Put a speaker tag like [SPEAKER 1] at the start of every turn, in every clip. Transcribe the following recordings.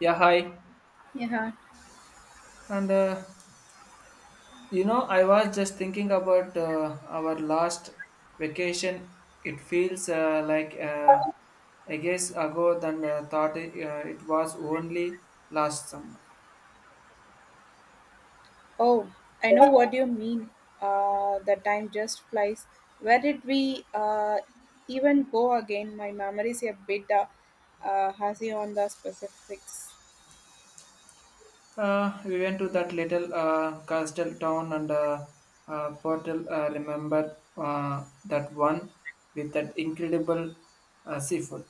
[SPEAKER 1] Yeah, hi.
[SPEAKER 2] Yeah.
[SPEAKER 1] And I was just thinking about our last vacation. It feels like I guess ago than thought it, it was only last summer.
[SPEAKER 2] Oh, I know what you mean. The time just flies. Where did we even go again? My memory is a bit hazy on the specifics.
[SPEAKER 1] We went to that little coastal town and portal. Remember that one with that incredible seafood.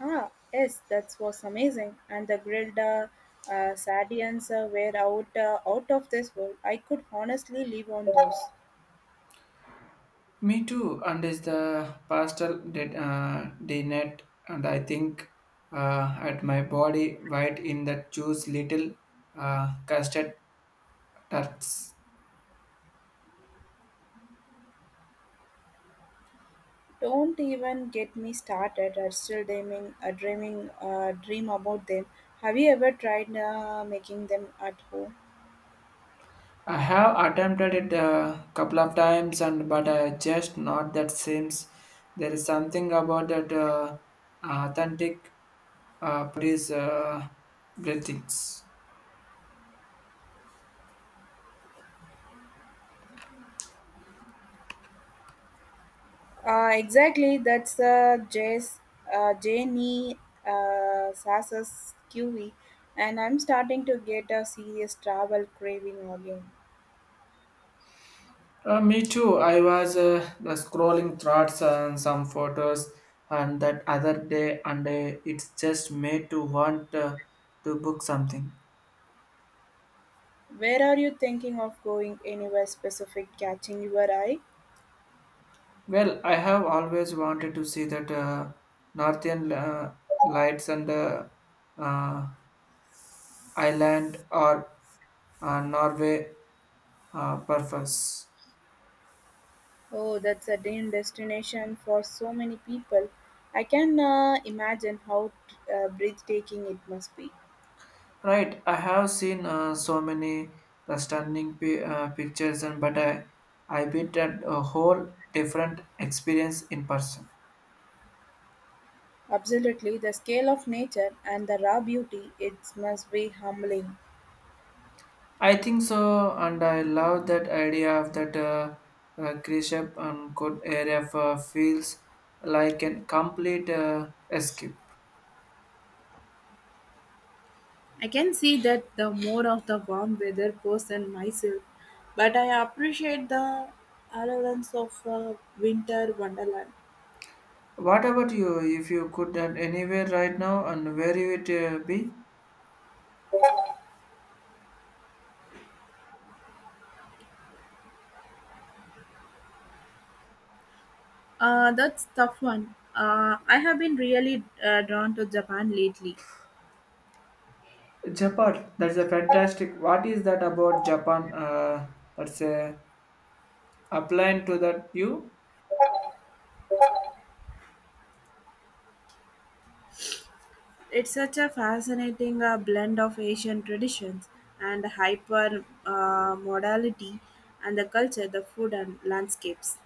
[SPEAKER 2] Ah, yes, that was amazing. And the grilled sardines were out of this world. I could honestly live on those.
[SPEAKER 1] Me too, and is the pastel did dinette, and I think at my body white in that juice little custard tarts.
[SPEAKER 2] Don't even get me started. I'm still dream about them. Have you ever tried making them at home?
[SPEAKER 1] I have attempted it a couple of times, and but I just not that seems there is something about that authentic produce breathings.
[SPEAKER 2] Exactly, that's Jess, Janie Sassa's QV, and I'm starting to get a serious travel craving again.
[SPEAKER 1] Me too. I was the scrolling thoughts and some photos and that other day, and it's just made to want to book something.
[SPEAKER 2] Where are you thinking of going? Anywhere specific catching your eye?
[SPEAKER 1] Well, I have always wanted to see that northern lights and uh, island or Norway purpose.
[SPEAKER 2] Oh, that's a dream destination for so many people. I can imagine how breathtaking it must be.
[SPEAKER 1] Right, I have seen so many the stunning pictures, and but I bit that a whole different experience in person.
[SPEAKER 2] Absolutely, the scale of nature and the raw beauty, it must be humbling.
[SPEAKER 1] I think so, and I love that idea of that Krishap and good area for feels like a complete escape.
[SPEAKER 2] I can see that the more of the warm weather person myself, but I appreciate the allowance of winter wonderland.
[SPEAKER 1] What about you? If you could at anywhere right now, and where you would be?
[SPEAKER 2] That's tough one. I have been really drawn to Japan lately.
[SPEAKER 1] Japan. That's a fantastic. What is that about Japan? That's a Applying to that view,
[SPEAKER 2] It's such a fascinating blend of Asian traditions and hyper modality and the culture, the food and landscapes.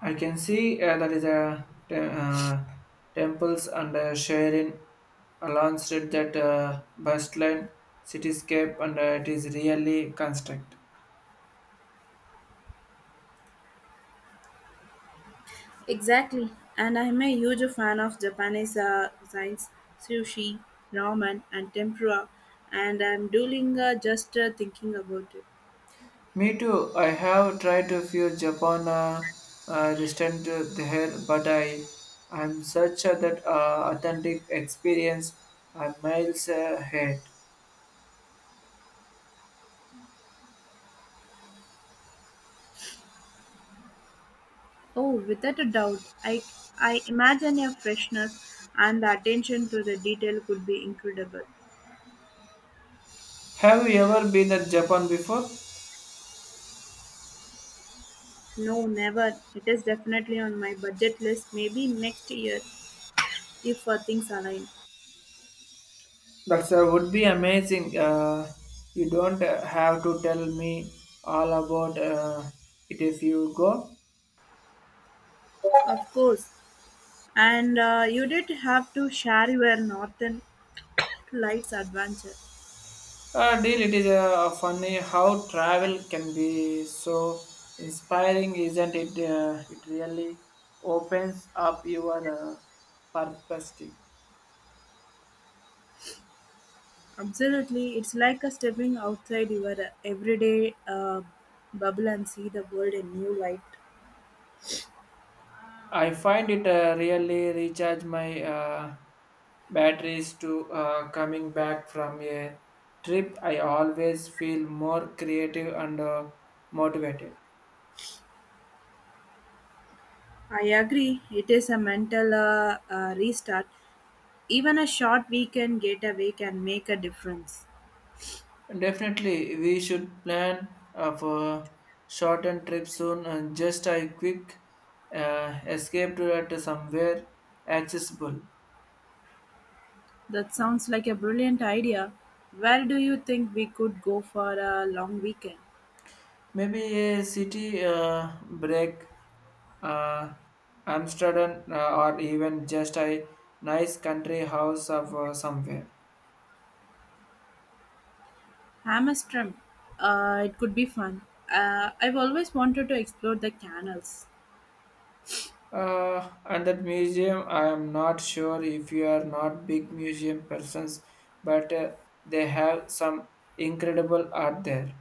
[SPEAKER 1] I can see that is a temples and sharing launched that bustling cityscape, and it is really construct.
[SPEAKER 2] Exactly, and I'm a huge fan of Japanese cuisines, sushi, ramen, and tempura, and I'm dueling just thinking about it.
[SPEAKER 1] Me too. I have tried to view Japan distant to there, but I am such a that authentic experience. I miles ahead.
[SPEAKER 2] Oh, without a doubt, I imagine a freshness and the attention to the detail could be incredible.
[SPEAKER 1] Have you ever been at Japan before?
[SPEAKER 2] No, never. It is definitely on my budget list. Maybe next year if things align.
[SPEAKER 1] That would be amazing. You don't have to tell me all about it if you go.
[SPEAKER 2] Of course, and you did have to share your Northern Lights adventure.
[SPEAKER 1] Deal, it is funny how travel can be so inspiring, isn't it? It really opens up your perspective.
[SPEAKER 2] Absolutely, it's like a stepping outside your everyday bubble and see the world in new light.
[SPEAKER 1] I find it really recharge my batteries to coming back from a trip. I always feel more creative and motivated.
[SPEAKER 2] I agree, it is a mental restart. Even a short weekend getaway can make a difference.
[SPEAKER 1] Definitely, we should plan for shortened trip soon and just a quick escape to at somewhere accessible.
[SPEAKER 2] That sounds like a brilliant idea. Where do you think we could go for a long weekend?
[SPEAKER 1] Maybe a city break, uh, Amsterdam, or even just a nice country house of somewhere.
[SPEAKER 2] Hammerstrom. It could be fun. I've always wanted to explore the canals.
[SPEAKER 1] And that museum, I am not sure if you are not big museum persons, but they have some incredible art there.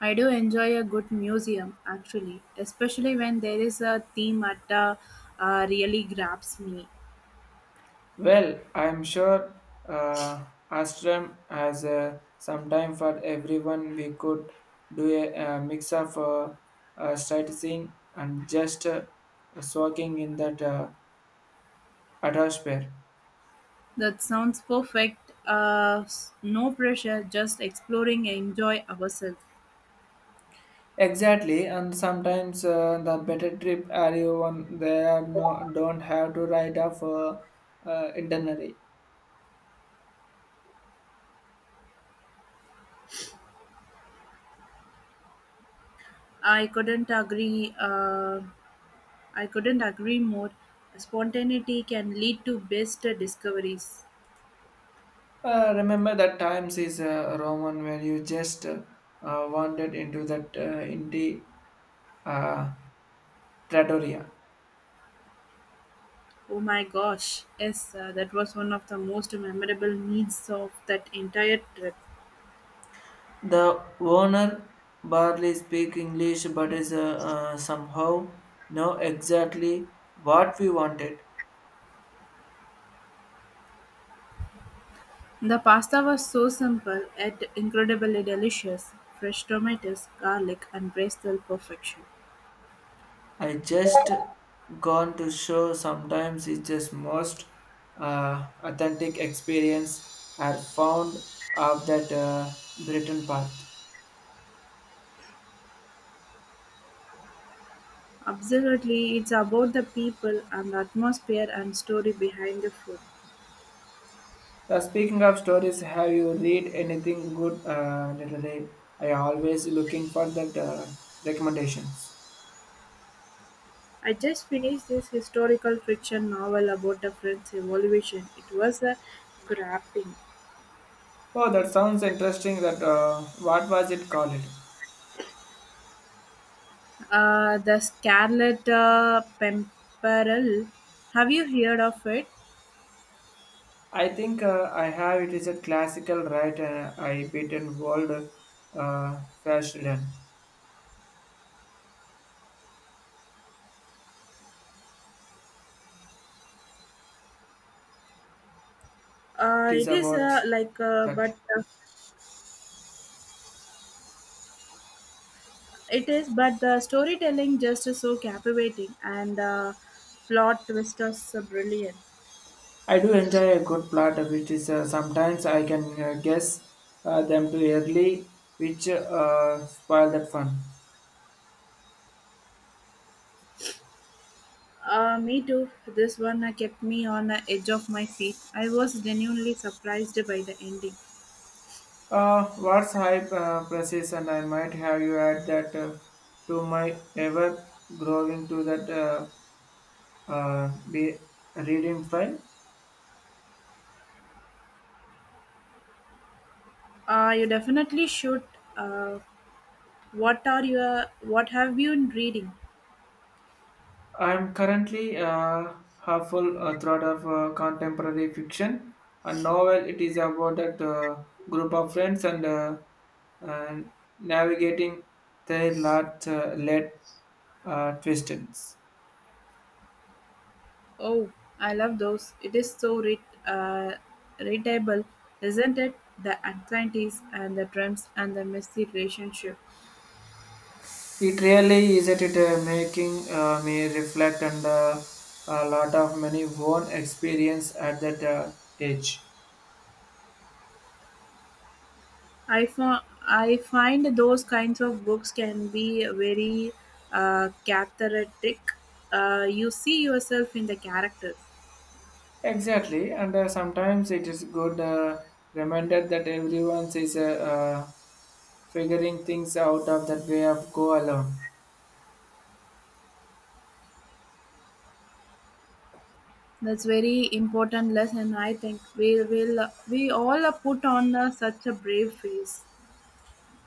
[SPEAKER 2] I do enjoy a good museum actually, especially when there is a theme that really grabs me.
[SPEAKER 1] Well, I'm sure uh, Astram has some time for everyone. We could do a, mix of sightseeing and just walking in that atmosphere.
[SPEAKER 2] That sounds perfect. No pressure, just exploring and enjoy ourselves.
[SPEAKER 1] Exactly, and sometimes the better trip are you on there are no don't have to write off itinerary.
[SPEAKER 2] I couldn't agree. I couldn't agree more. Spontaneity can lead to best discoveries.
[SPEAKER 1] Remember that times is Roman where you just wandered into that indie. Uh, Trattoria.
[SPEAKER 2] Oh my gosh! Yes, that was one of the most memorable meals of that entire trip.
[SPEAKER 1] The owner barely speak English, but is somehow know exactly what we wanted.
[SPEAKER 2] The pasta was so simple yet incredibly delicious fresh tomatoes, garlic, and basil perfection.
[SPEAKER 1] I just gone to show. Sometimes it's just most authentic experience are found of that Britain path.
[SPEAKER 2] Absolutely, it's about the people and the atmosphere and story behind the food.
[SPEAKER 1] Speaking of stories, have you read anything good lately? I always looking for that recommendations.
[SPEAKER 2] I just finished this historical fiction novel about the French Revolution. It was a grapping.
[SPEAKER 1] Oh, that sounds interesting. That what was it called?
[SPEAKER 2] The Scarlet Pimpernel. Have you heard of it?
[SPEAKER 1] I think I have. It is a classical right. I beaten world fashion.
[SPEAKER 2] Uh,
[SPEAKER 1] It is
[SPEAKER 2] it is uh,
[SPEAKER 1] about
[SPEAKER 2] like, uh,
[SPEAKER 1] that.
[SPEAKER 2] but uh, It is, but the storytelling just is so captivating and plot twist is so brilliant.
[SPEAKER 1] I do enjoy a good plot, which is sometimes I can guess them too early, which spoil that fun.
[SPEAKER 2] Me too. This one kept me on the edge of my seat. I was genuinely surprised by the ending.
[SPEAKER 1] What's hype process, and I might have you add that to my ever growing to that be reading file.
[SPEAKER 2] You definitely should. Uh, what are your? What have you been reading?
[SPEAKER 1] I'm currently half full throat of contemporary fiction. A novel, it is about a group of friends and navigating their lot led twists.
[SPEAKER 2] Oh, I love those. It is so uh, readable, isn't it? The anxieties and the dreams and the messy relationship.
[SPEAKER 1] It really is that it making me reflect and a lot of many own experience at that age.
[SPEAKER 2] I, fo- I find those kinds of books can be very cathartic. You see yourself in the characters.
[SPEAKER 1] Exactly, and sometimes it is good reminder that everyone is figuring things out of that way of go alone.
[SPEAKER 2] That's very important lesson. I think we all are put on such a brave face.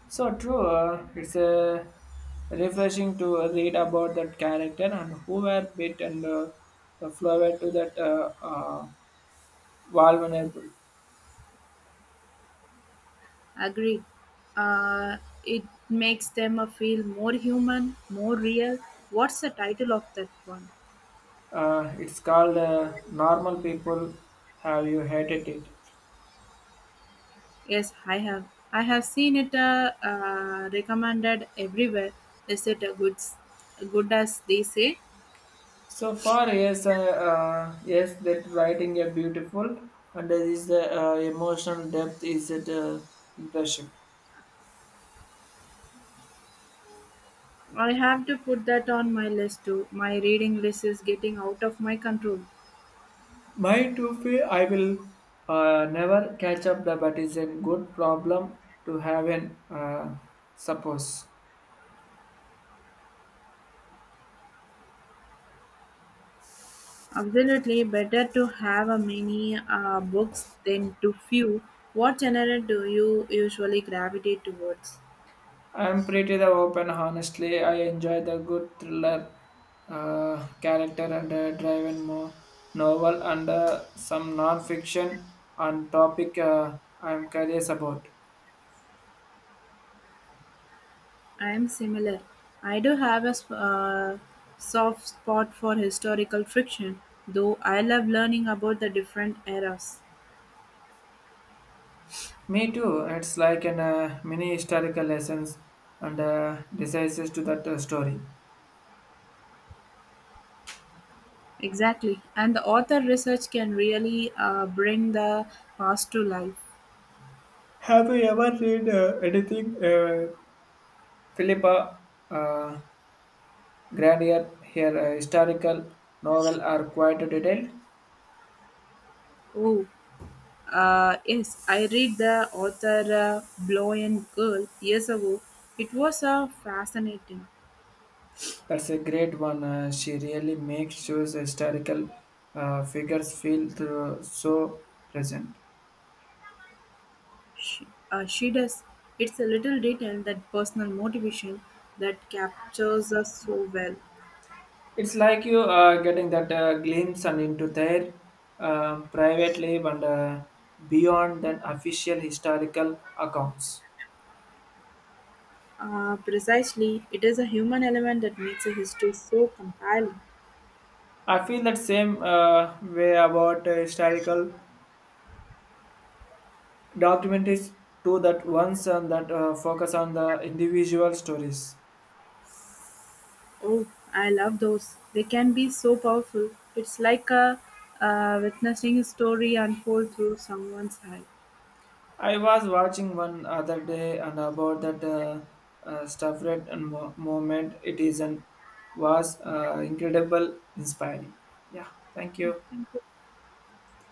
[SPEAKER 1] So true, it's refreshing to read about that character and who were bit and the flower to that vulnerable.
[SPEAKER 2] Agreed. Uh, it makes them feel more human, more real. What's the title of that one?
[SPEAKER 1] It's called Normal People Have You Hated It.
[SPEAKER 2] Yes, I have. I have seen it recommended everywhere. Is it a good as they say?
[SPEAKER 1] So far, yes, yes, that writing a beautiful and there is the emotional depth is it impression.
[SPEAKER 2] I have to put that on my list too. My reading list is getting out of my control.
[SPEAKER 1] My toffee, I will never catch up the but is a good problem to have an suppose.
[SPEAKER 2] Absolutely, better to have a many books than too few. What genre do you usually gravitate towards?
[SPEAKER 1] I'm pretty the open honestly. I enjoy the good thriller character and driven more novel and some non-fiction on topic I'm curious about.
[SPEAKER 2] I am similar. I do have a soft spot for historical fiction, though I love learning about the different eras.
[SPEAKER 1] Me too. It's like an mini historical lessons and decisions to that story.
[SPEAKER 2] Exactly. And the author research can really bring the past to life.
[SPEAKER 1] Have you ever read anything? Philippa uh, Gradier, her historical novel are quite detailed.
[SPEAKER 2] Oh, yes, I read the author Blowing Girl years ago. It was fascinating.
[SPEAKER 1] That's a great one. She really makes sure the historical figures feel through, so present.
[SPEAKER 2] She, she does. It's a little detail that personal motivation that captures us so well.
[SPEAKER 1] It's like you are getting that glimpse and into their privately and beyond than official historical accounts.
[SPEAKER 2] Precisely, it is a human element that makes a history so compelling.
[SPEAKER 1] I feel that same way about historical documentaries too that ones and that focus on the individual stories.
[SPEAKER 2] Oh, I love those. They can be so powerful. It's like witnessing a story unfold through someone's eye.
[SPEAKER 1] I was watching one other day and about that stuff rate and moment. It is and was incredible, inspiring. Yeah, thank you.
[SPEAKER 2] Thank you.